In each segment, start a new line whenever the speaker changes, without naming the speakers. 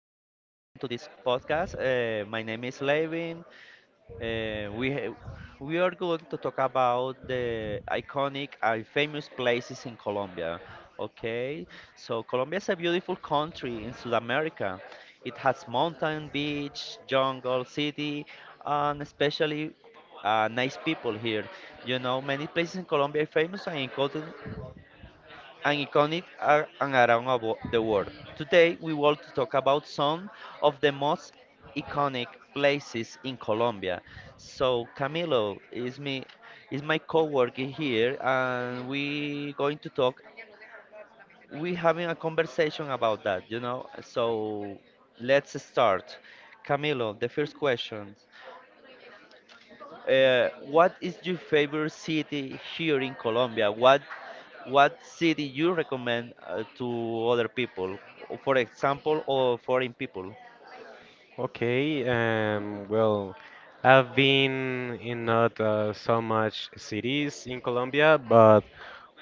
this podcast. My name is Levin. Uh, we ha- we are going to talk about the iconic and famous places in Colombia. Okay, so Colombia is a beautiful country in South America. It has mountain, beach, jungle, city, and especially nice people here. You know, many places in Colombia are famous and iconic are and around the world. Today, we want to talk about some of the most iconic places in Colombia. So, Camilo is me is my coworker here, and we going to talk. We having a conversation about that, you know. So, let's start. Camilo, the first question. What is your favorite city here in Colombia? What city you recommend to other people, for example, or foreign people?
Okay, I've been in not so much cities in Colombia, but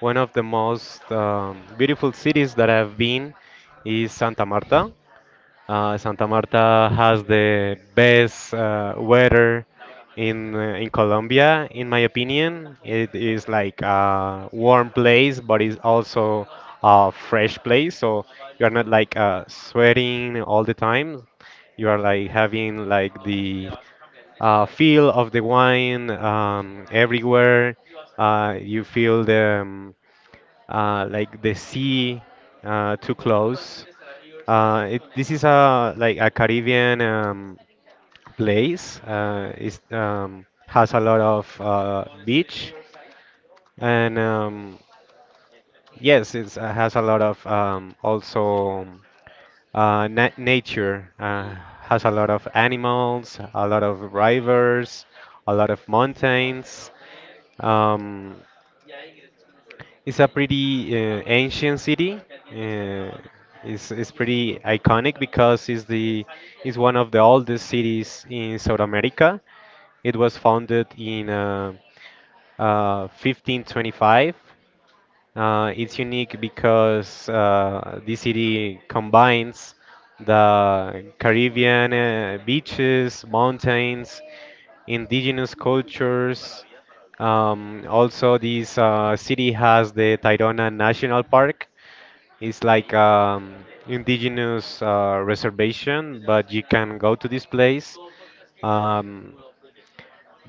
one of the most beautiful cities that I've been is Santa Marta. Santa Marta has the best weather in in Colombia, in my opinion. It is like a warm place, but it's also a fresh place. So you are not like sweating all the time. You are like having like the feel of the wine everywhere. You feel the like the sea too close. This is a like a Caribbean place. Is has a lot of beach and yes, it has a lot of also na nature. Has a lot of animals, a lot of rivers, a lot of mountains. Um, It's a pretty ancient city. Uh, it's pretty iconic because it's one of the oldest cities in South America. It was founded in 1525. Uh, it's unique because this city combines the Caribbean beaches, mountains, indigenous cultures. Also, this city has the Tayrona National Park. It's like indigenous reservation, but you can go to this place. Um,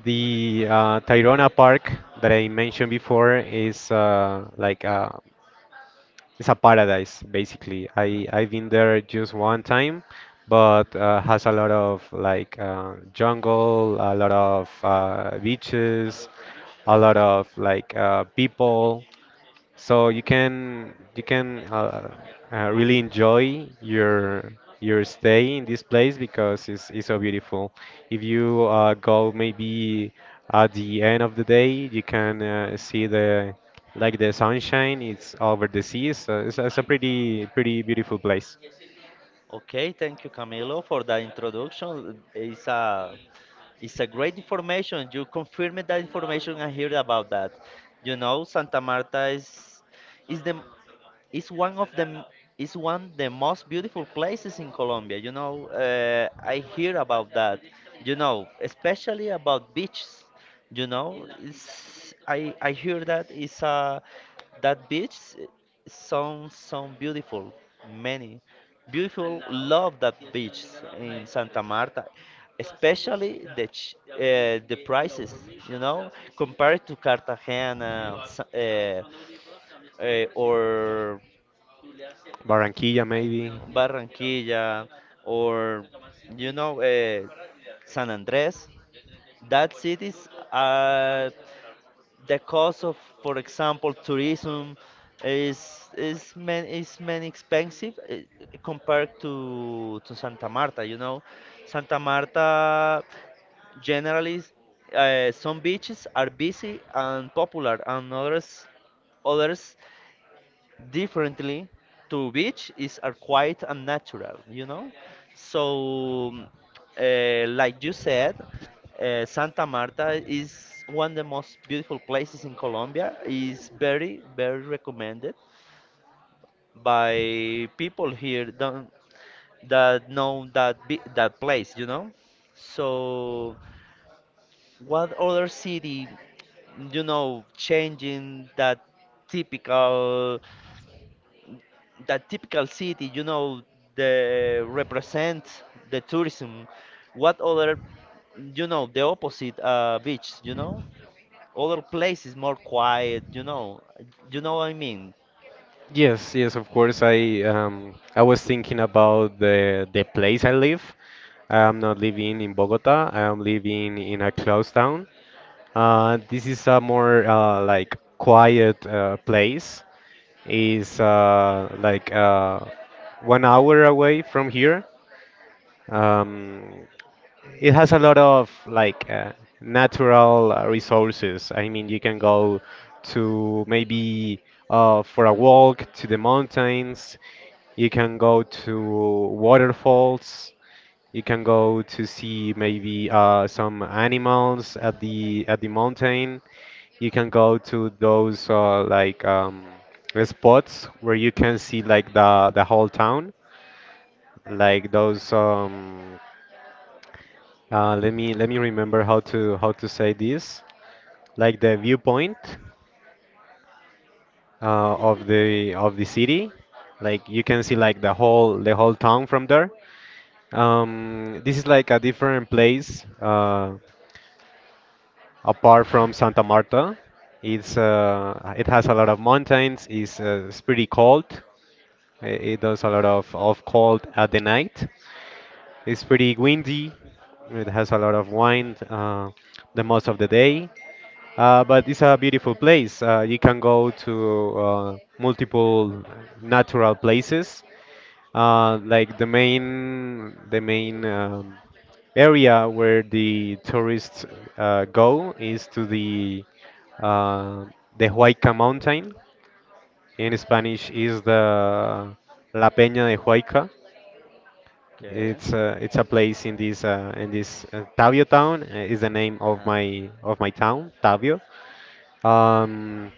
the Tayrona Park that I mentioned before is like a it's a paradise basically. I've been there just one time, but has a lot of jungle, a lot of beaches, a lot of people. So you can really enjoy your stay in this place because it's so beautiful. If you go maybe at the end of the day, you can see the like the sunshine. It's over the sea. So it's a pretty pretty beautiful place.
Okay, thank you, Camilo, for that introduction. It's a great information. You confirmed that information I heard about that. You know, Santa Marta is the It's one of the it's one the most beautiful places in Colombia. You know, I hear about that. You know, especially about beaches. You know, it's, I hear that it's a that beach sounds sound beautiful. Many beautiful love that beach in Santa Marta, especially the ch the prices. You know, compared to Cartagena, or
Barranquilla maybe.
Barranquilla, or you know San Andres. That cities are the cost of, for example, tourism is man, is many expensive compared to Santa Marta. You know, Santa Marta generally some beaches are busy and popular, and others differently to which is are quite unnatural, you know. So like you said, Santa Marta is one of the most beautiful places in Colombia, is very very recommended by people here don't, that know that that place, you know. So what other city, you know, changing typical that typical city, you know, the represent the tourism. What other, you know, the opposite beach, you know, other places more quiet, you know what I mean.
Yes, yes, of course. I was thinking about the place I live. I'm not living in Bogota. I am living in a closed town. This is a more like quiet place. Is 1 hour away from here. Um, it has a lot of natural resources. I mean, you can go to maybe for a walk to the mountains. You can go to waterfalls. You can go to see maybe some animals at the mountain. You can go to those spots where you can see like the whole town, like those. Let me let me remember how to say this. Like the viewpoint of the city. Like you can see like the whole town from there. This is like a different place apart from Santa Marta. It has a lot of mountains. It's pretty cold. I- It does a lot of cold at the night. It's pretty windy. It has a lot of wind the most of the day. But it's a beautiful place. You can go to multiple natural places like the main area where the tourists go is to uh, the Huayca mountain. In Spanish is the La Peña de Huayca.
Okay.
It's a place in this Tavio town, is the name of
Uh,
my town Tavio. um,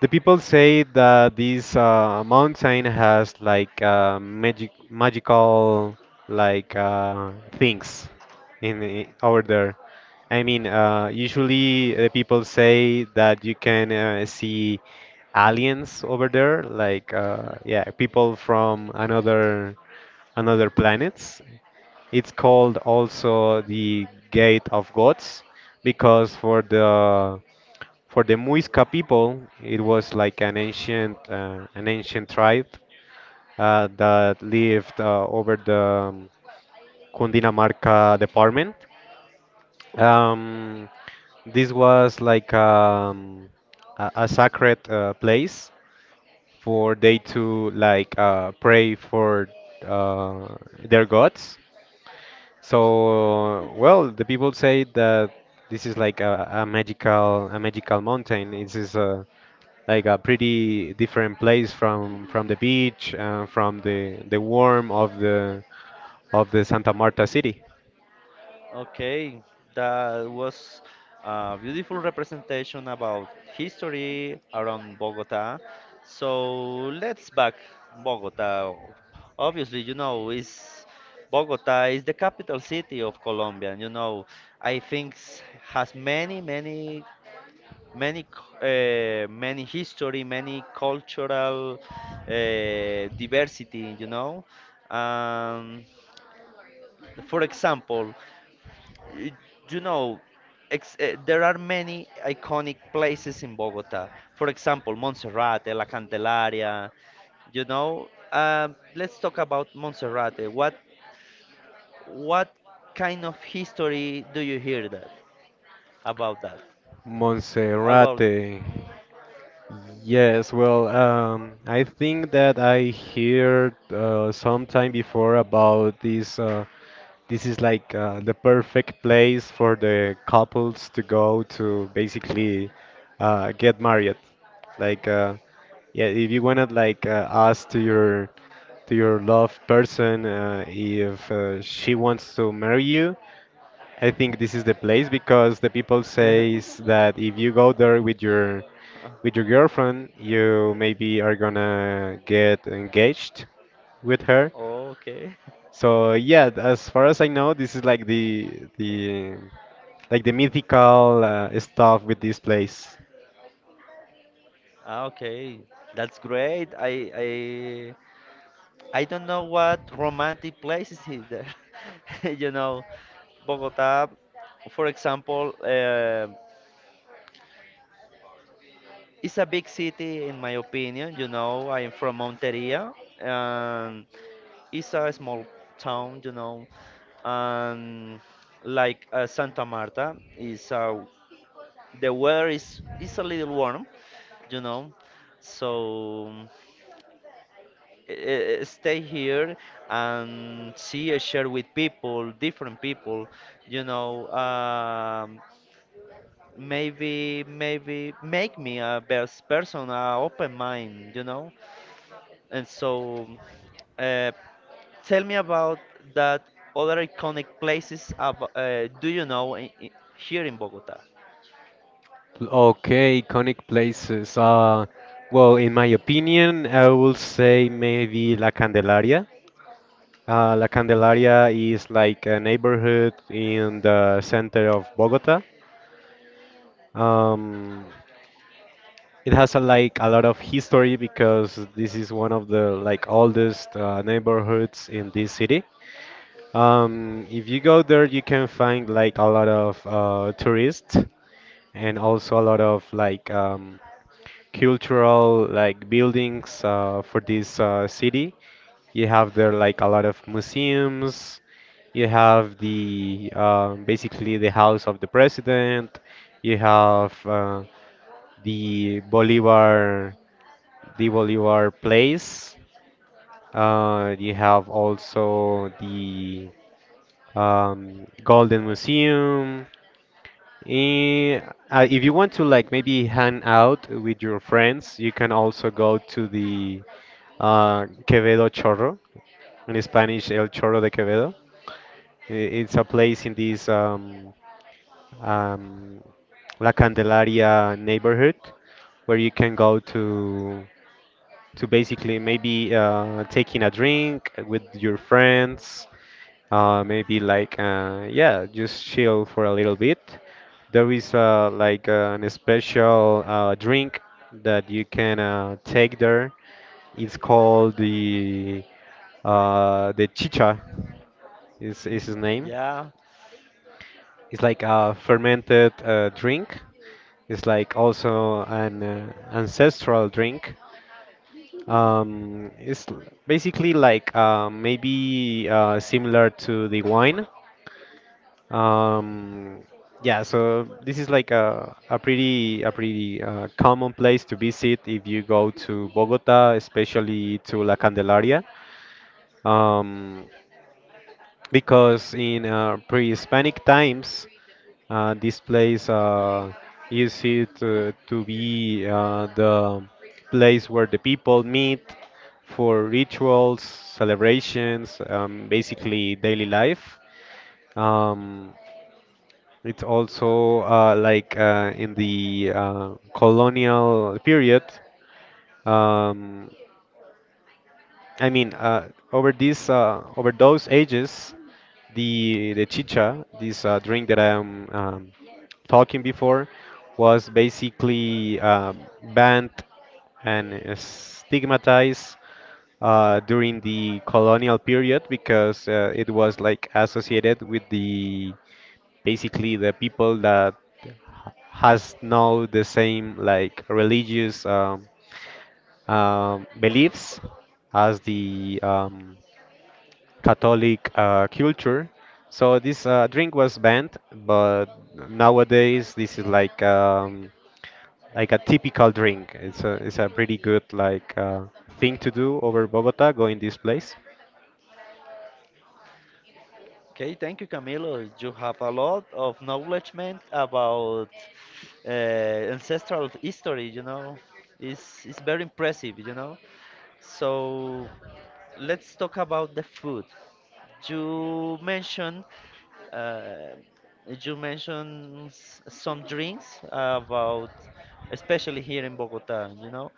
the people say that this mountain has like magical things over there. I mean, usually the people say that you can see aliens over there, like yeah, people from another another planets. It's called also the Gate of Gods because for the Muisca people. It was like an ancient tribe that lived over the Cundinamarca department. Um, this was like a sacred place for they to like pray for uh, their gods. So, well, the people say that this is like a magical mountain. It is a like a pretty different place from the beach and from the warm of the Santa Marta city.
Okay, that was a beautiful representation about history around Bogota. So let's back Bogota. Obviously, you know, is Bogota is the capital city of Colombia. And you know, I think has many, many, many, many history, many cultural diversity. You know, um, for example, y- you know, there are many iconic places in Bogota. For example, Monserrate, La Candelaria. You know, um, let's talk about Monserrate. What kind of history do you hear that? About
Monserrate. Yes, well, I think that I heard sometime before about this. This is like the perfect place for the couples to go to basically get married. Like, uh, yeah, if you wanna like ask to your love person if she wants to marry you, I think this is the place because the people says that if you go there with your girlfriend, you maybe are gonna get engaged with her.
okay,
So yeah, as far as I know, this is like the like the mythical stuff with this place.
ah, okay, that's great. I don't know what romantic places is there. You know, Bogota, for example, is a big city in my opinion. You know, I'm from Monteria, and it's a small town. You know, and like Santa Marta is, the weather is a little warm. You know, so. Stay here and see, share with people different people, you know. Um, maybe maybe make me a best person a open mind, you know. And so uh, tell me about that other iconic places do you know, I here in Bogota.
Okay, iconic places. Well, in my opinion, I will say maybe La Candelaria. La Candelaria is like a neighborhood in the center of Bogota. Um, it has like a lot of history because this is one of the like oldest neighborhoods in this city. If you go there, you can find like a lot of tourists and also a lot of cultural like buildings for this city. You have there like a lot of museums. You have the basically the house of the president. You have the Bolivar the Bolivar place. You have also the Golden Museum. Eh, if you want to like maybe hang out with your friends, you can also go to the Quevedo Chorro, in Spanish El Chorro de Quevedo. I- It's a place in this um, La Candelaria neighborhood where you can go to basically maybe taking a drink with your friends, maybe like yeah, just chill for a little bit. There is an special drink that you can take there. It's called the chicha. Is
Mm,
his name?
yeah.
It's like a fermented drink. It's like also an ancestral drink. It's basically like maybe similar to the wine. Um, yeah, so this is like a pretty common place to visit if you go to Bogota, especially to La Candelaria, um, because in pre-Hispanic times, this place used it to be the place where the people meet for rituals, celebrations, basically daily life. Um, it's also in the colonial period, um, I mean, over those ages, the chicha, this drink that I'm talking before, was basically banned and stigmatized during the colonial period because it was like associated with the basically the people that has no the same like religious beliefs as the Catholic culture. So this drink was banned, but nowadays this is like a typical drink. It's a pretty good like thing to do over Bogota, going this place.
Okay, thank you, Camilo. You have a lot of knowledge, man, about ancestral history. You know, it's very impressive. You know, so let's talk about the food. You mentioned uh, you mentioned some drinks about, especially here in Bogota. You know,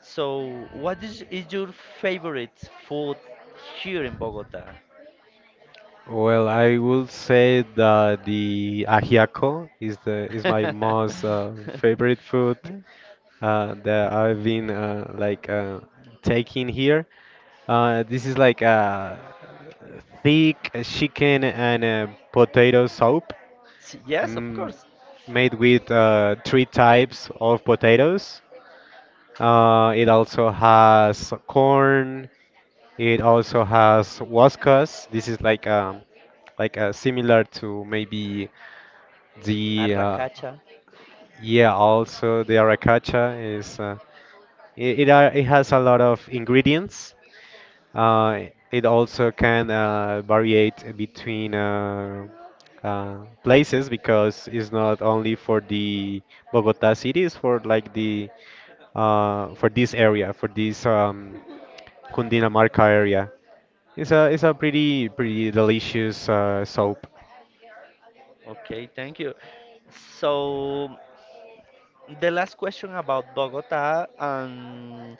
so what is your favorite food here in Bogota?
Well, I will say that the ajiaco is my most favorite food that I've been taking here. This is like a thick chicken and potato soup
Yes, of
mm,
course.
made with 3 types of potatoes. It also has corn, it also has Wascas. This is like similar to maybe the
Arracacha.
yeah also the Aracacha is it has a lot of ingredients, it also can variate between uh, places, because it's not only for the Bogota city, it's for like the for this area, for this Cundinamarca area. It's a pretty pretty delicious soap.
Okay, thank you. So the last question about Bogota,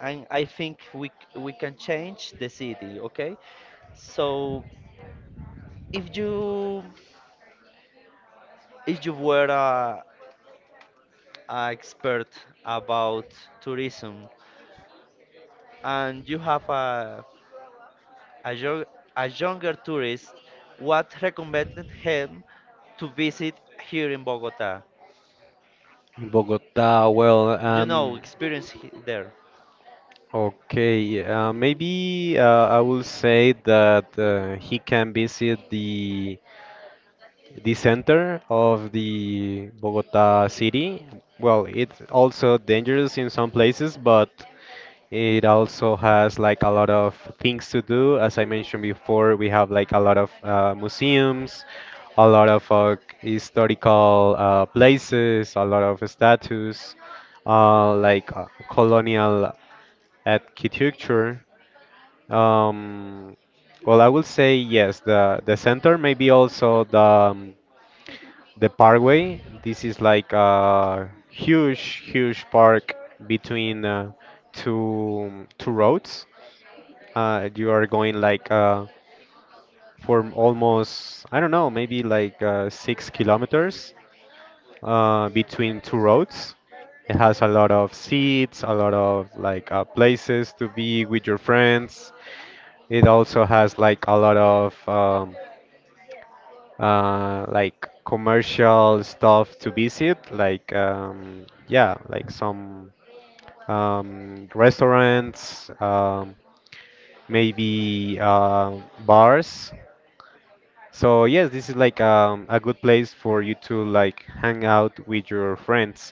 and I think we can change the city. Okay. So if you if you were a expert about tourism and you have a, a younger tourist, what recommended him to visit here in Bogota?
In Bogota, well,
You know, experience there.
okay, maybe I will say that he can visit the center of the Bogota city. Well, it's also dangerous in some places, but it also has like a lot of things to do. As I mentioned before, we have like a lot of museums, a lot of historical places, a lot of statues, colonial architecture. Um, well, I will say yes. The center, maybe also the parkway. This is like a huge, huge park between two roads. You are going like for almost I don't know, maybe like 6 kilometers between two roads. It has a lot of seats, a lot of places to be with your friends. It also has like a lot of like commercial stuff to visit, like yeah, like some restaurants, maybe bars. So yes, this is like a good place for you to like hang out with your friends.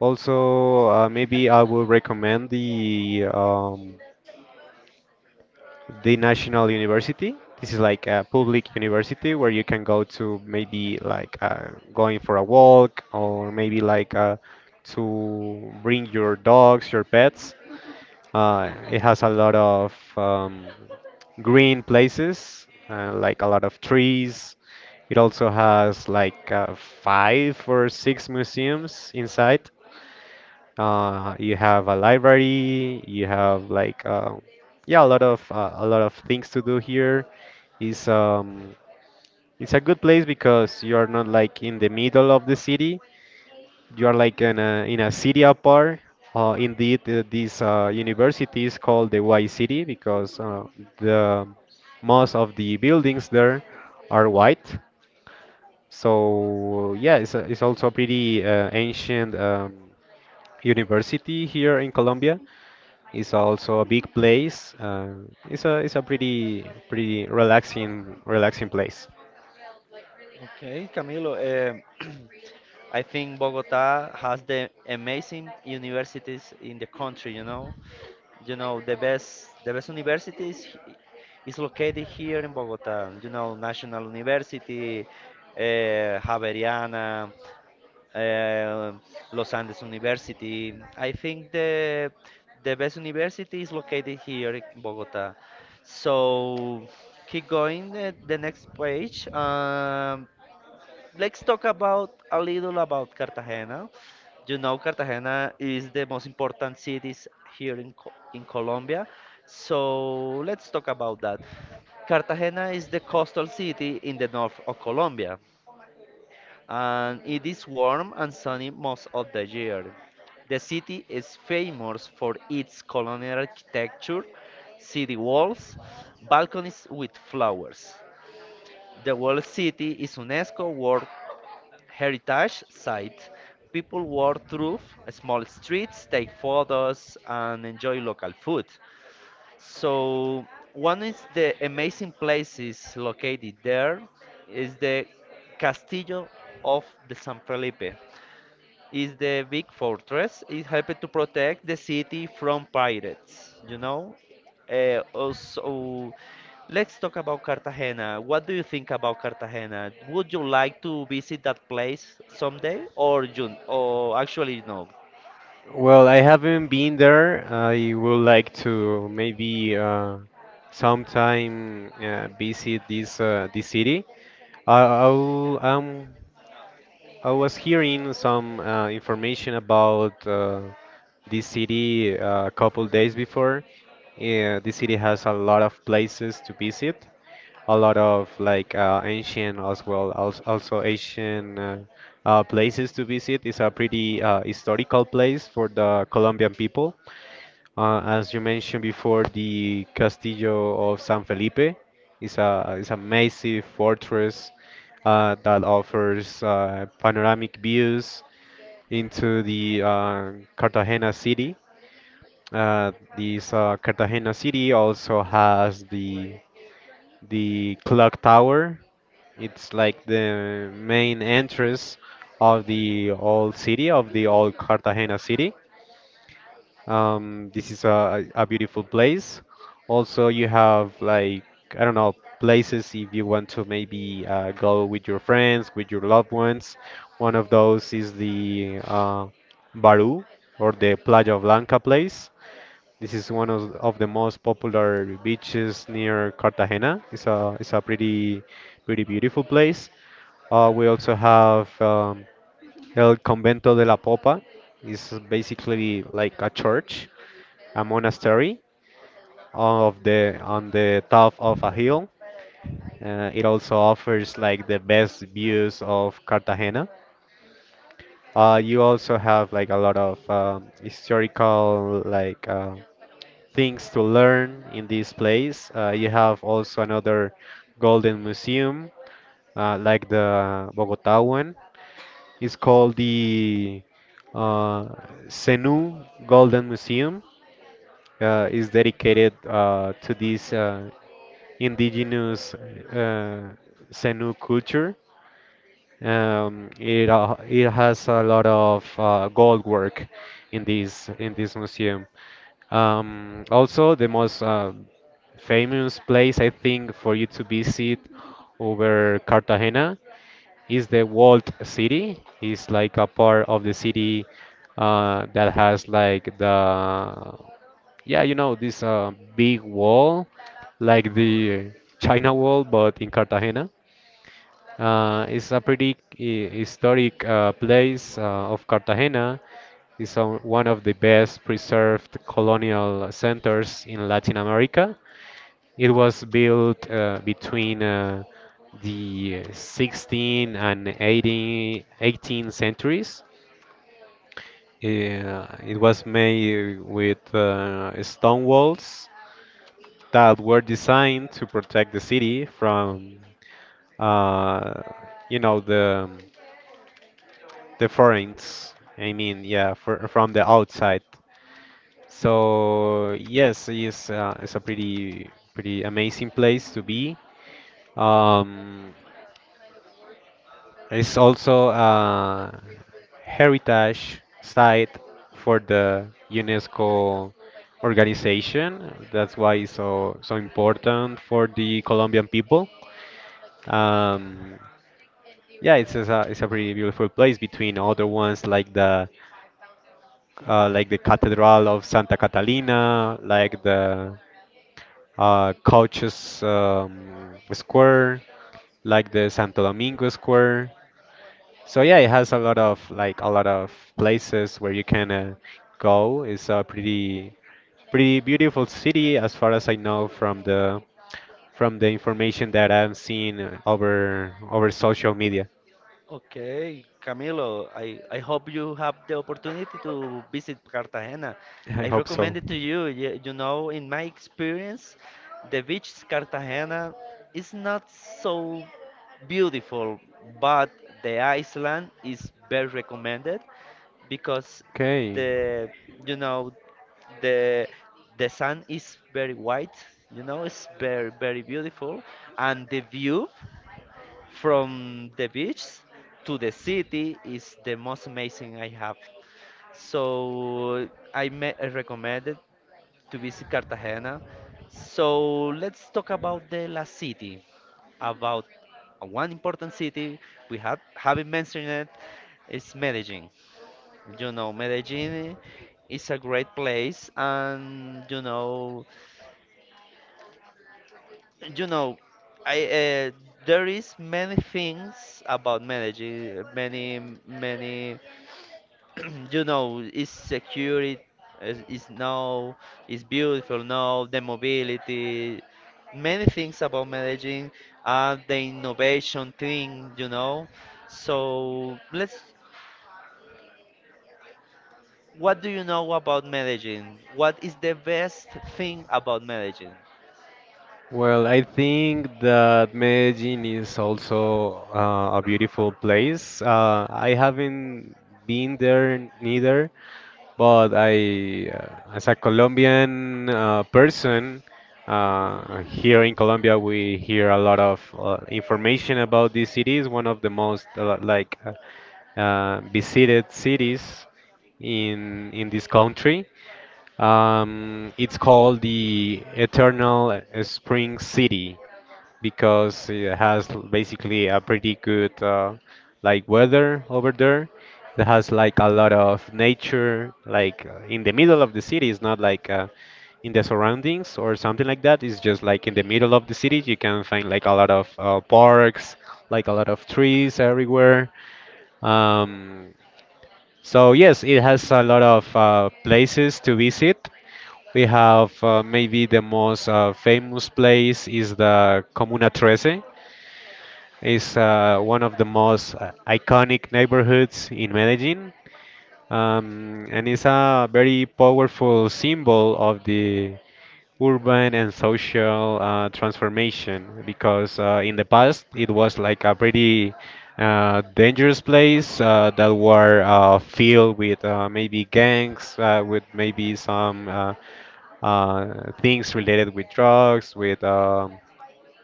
Also, maybe I will recommend the national university. This is like a public university where you can go to maybe going for a walk or maybe to bring your dogs, your pets. It has a lot of green places, like a lot of trees. It also has five or six museums inside. You have a library. You have yeah, a lot of things to do here. It's um it's a good place because you are not like in the middle of the city. You are like in a city apart. Indeed, this university is called the Y City because the most of the buildings there are white. So yeah, it's also a pretty ancient university here in Colombia. It's also a big place. It's a pretty relaxing place.
Okay, Camilo. I think Bogota has the amazing universities in the country. You know the best universities is located here in Bogota. You know, National University, uh, Javeriana. uh, Los Andes University. I think the best university is located here in Bogota. So keep going. The next page. Let's talk about a little about Cartagena. You know, Cartagena is the most important cities here in in Colombia. So let's talk about that. Cartagena is the coastal city in the north of Colombia and it is warm and sunny most of the year. The city is famous for its colonial architecture, city walls, balconies with flowers. The whole city is UNESCO World Heritage Site. People walk through small streets, take photos, and enjoy local food. So, one is the amazing places located there is the Castillo of the San Felipe is the big fortress. It helped to protect the city from pirates, you know? Also, let's talk about Cartagena. What do you think about Cartagena? Would you like to visit that place someday, or you, or actually no?
Well, I haven't been there. I would like to maybe sometime visit this city. I, I'll, um, I was hearing some information about this city a couple days before. Yeah, this city has a lot of places to visit, a lot of ancient as well, also Asian places to visit. It's a pretty historical place for the Colombian people. As you mentioned before, the Castillo of San Felipe is a massive fortress that offers panoramic views into the Cartagena city. Uh, this Cartagena city also has the clock tower. It's like the main entrance of the old city of the old Cartagena city. This is a beautiful place. Also, you have like, I don't know, places if you want to maybe go with your friends, with your loved ones. One of those is the Barú or the Playa Blanca place. This is of the most popular beaches near Cartagena. It's a pretty, pretty beautiful place. We also have El Convento de la Popa. It's basically like a church, a monastery of the on the top of a hill. It also offers like the best views of Cartagena. You also have like a lot of historical things to learn in this place. You have also another golden museum, like the Bogota one. It's called the uh, Senu Golden Museum. Is dedicated to this indigenous Zenu culture. It it has a lot of gold work in this museum. Also, the most famous place I think for you to visit over Cartagena is the walled city. It's like a part of the city that has like the yeah, you know, this big wall, like the China Wall, but in Cartagena. It's a pretty historic place of Cartagena. It's one of the best preserved colonial centers in Latin America. It was built between the 16 and 18 centuries. It was made with stone walls that were designed to protect the city from, uh, you know, the foreigners. I mean, yeah, from the outside. So yes, it's a pretty, pretty amazing place to be. Um, it's also a heritage site for the UNESCO organization. That's why it's so, so important for the Colombian people. Um, Yeah, it's a pretty beautiful place between other ones like the Cathedral of Santa Catalina, like the Couches Square, like the Santo Domingo Square. So yeah, it has a lot of a lot of places where you can go. It's a pretty, pretty beautiful city as far as I know from the, from the information that I'm seeing over, over social media.
Okay, Camilo, I hope you have the opportunity to visit Cartagena.
I
I
hope so.
recommend it to you. You know, in my experience, the beach Cartagena is not so beautiful, but the island is very recommended because
Okay.
the you know the the sun is very white, you know, it's very very beautiful and the view. From the beach to the city is the most amazing I have. So I recommend to visit Cartagena. So let's talk about the La City, about one important city we have haven't mentioned it is Medellin. You know, Medellin is a great place, and you know, I there is many things about managing many many you know is security is now is beautiful now the mobility many things about managing the innovation thing, you know. So let's what do you know about managing? What is the best thing about managing?
Well, I think that Medellin is also a beautiful place. I haven't been there neither, but I, as a Colombian person, here in Colombia, we hear a lot of information about this city. It's one of the most visited cities in this country. It's called the Eternal Spring City because it has basically a pretty good like weather over there. It has like a lot of nature, in the middle of the city. It's not in the surroundings or something like that. It's just like in the middle of the city. You can find like a lot of parks, like a lot of trees everywhere. Um, so yes, it has a lot of places to visit. We have maybe the most famous place is the Comuna Trece. It's one of the most iconic neighborhoods in Medellin, and it's a very powerful symbol of the urban and social transformation because in the past it was like a pretty dangerous place that were filled with maybe gangs, with maybe some things related with drugs, with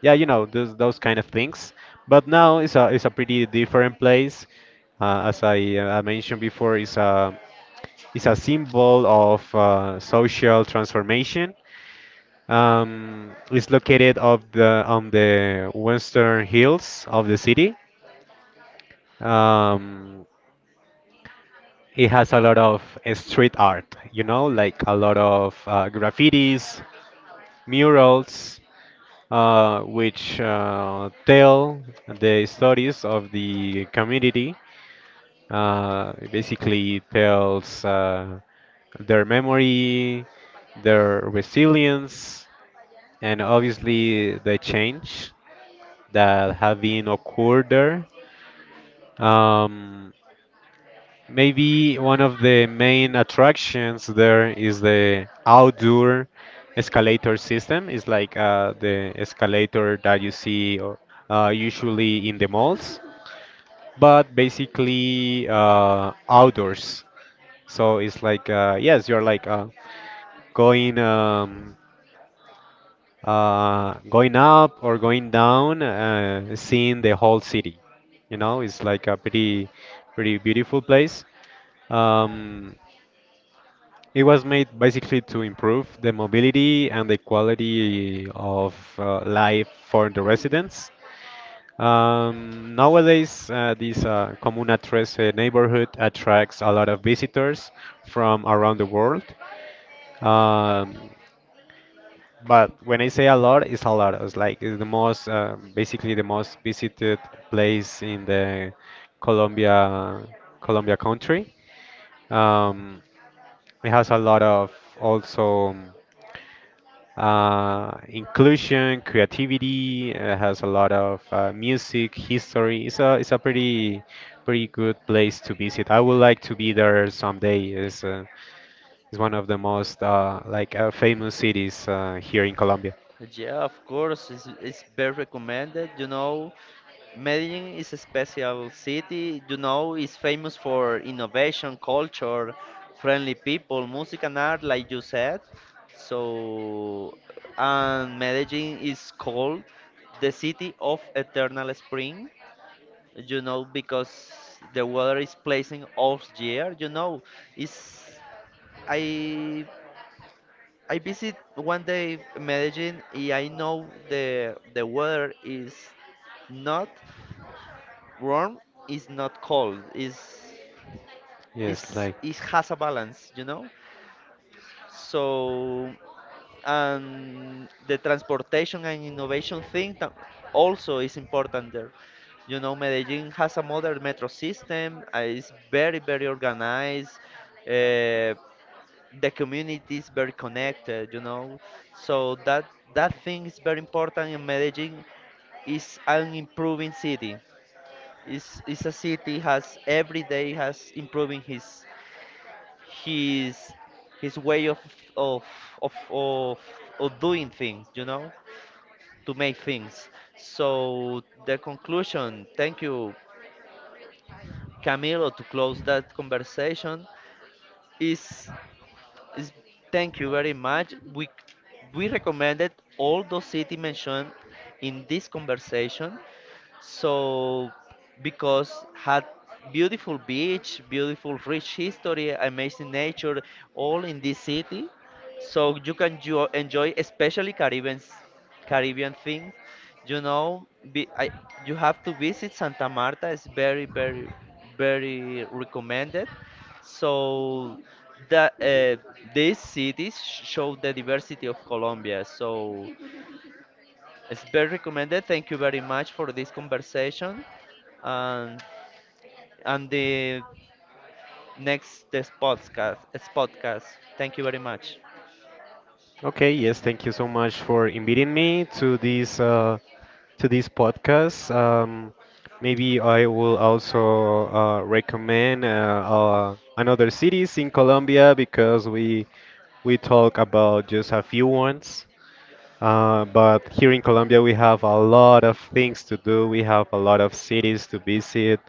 yeah, you know those kind of things. But now it's a pretty different place. As I mentioned before, it's a symbol of social transformation. It's located of the on the western hills of the city. Um, it has a lot of street art, you know, like a lot of graffitis, murals, which tell the stories of the community. It basically tells their memory, their resilience, and obviously the change that have been occurred there. Um, Maybe one of the main attractions there is the outdoor escalator system. It's the escalator that you see usually in the malls, but basically outdoors. So it's yes, you're going going up or going down, seeing the whole city. You know, it's like a pretty, pretty beautiful place. Um, It was made basically to improve the mobility and the quality of life for the residents. Nowadays, this Comuna 13 neighborhood attracts a lot of visitors from around the world. Um, but when I say a lot. It's like it's the most, basically the most visited place in the Colombia, Colombia country. Um, it has a lot of also, inclusion, creativity. It has a lot of music, history. It's a pretty, pretty good place to visit. I would like to be there someday. It's one of the most famous cities here in Colombia.
Yeah, of course, it's very recommended. You know, Medellin is a special city. You know, it's famous for innovation, culture, friendly people, music and art, like you said. So, and Medellin is called the city of eternal spring. You know, because the weather is placing off year. You know, it's I I visit one day Medellin and I know the weather is not warm, is not cold,
Yes,
is
like.
it has a balance, you know? So and the transportation and innovation thing that also is important there. You know, Medellin has a modern metro system, it's very, very organized. Uh, the community is very connected, you know. So that that thing is very important in Medellin. Is an improving city. It's a city has every day has improving his his way of of of, of doing things, you know, to make things. So the conclusion, thank you, Camilo, to close that conversation is is- Thank you very much. We recommended all those cities mentioned in this conversation. So because had beautiful beach, beautiful rich history, amazing nature, all in this city so you can enjoy especially Caribbean things. You know, be, I, you have to visit Santa Marta. It's very, very, very recommended. So that these cities show the diversity of Colombia. So it's very recommended. Thank you very much for this conversation. And and the next this podcast, this podcast. Thank you very much.
Okay, yes, thank you so much for inviting me to this podcast. Maybe I will also recommend another cities in Colombia because we talk about just a few ones. But here in Colombia, we have a lot of things to do. We have a lot of cities to visit.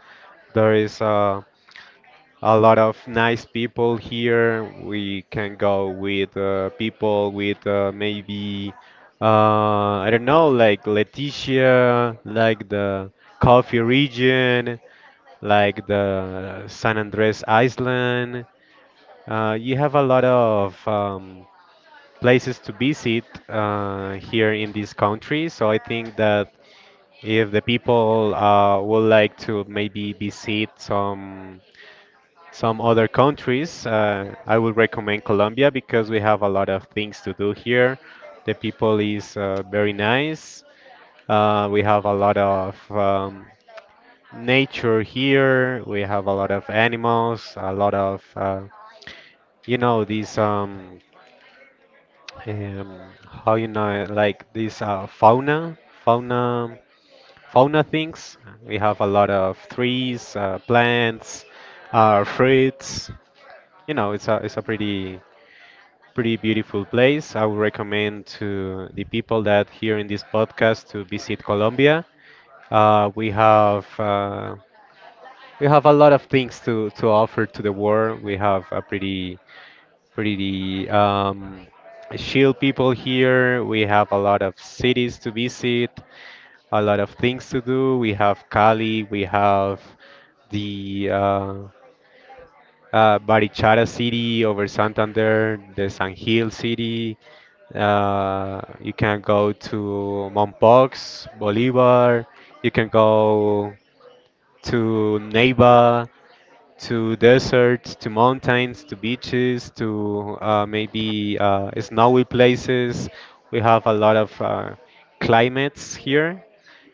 There is a lot of nice people here. We can go with people with maybe I don't know, like Leticia, like the coffee region, like the San Andres Island. You have a lot of places to visit here in this country. So I think that if the people would like to maybe visit some other countries, I would recommend Colombia because we have a lot of things to do here. The people is very nice. We have a lot of nature here. We have a lot of animals, a lot of you know these um, how you know it, like these fauna, fauna, fauna things. We have a lot of trees, plants, fruits. You know, it's a pretty, pretty beautiful place. I would recommend to the people that here in this podcast to visit Colombia. Uh, we have uh, we have a lot of things to offer to the world. We have a pretty, pretty chill people here. We have a lot of cities to visit, a lot of things to do. We have Cali. We have the Barichara city over Santander, the San Gil city, you can go to Mompox, Bolivar. You can go to Neiva, to deserts, to mountains, to beaches, to maybe snowy places. We have a lot of climates here,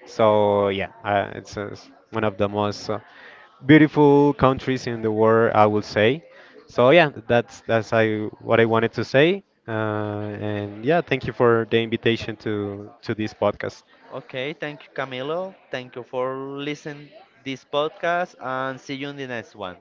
so yeah, one of the most beautiful countries in the world, I would say. So yeah, that's I what I wanted to say. And yeah, thank you for the invitation to this podcast.
Okay, thank you, Camilo. Thank you for listening this podcast and see you in the next one.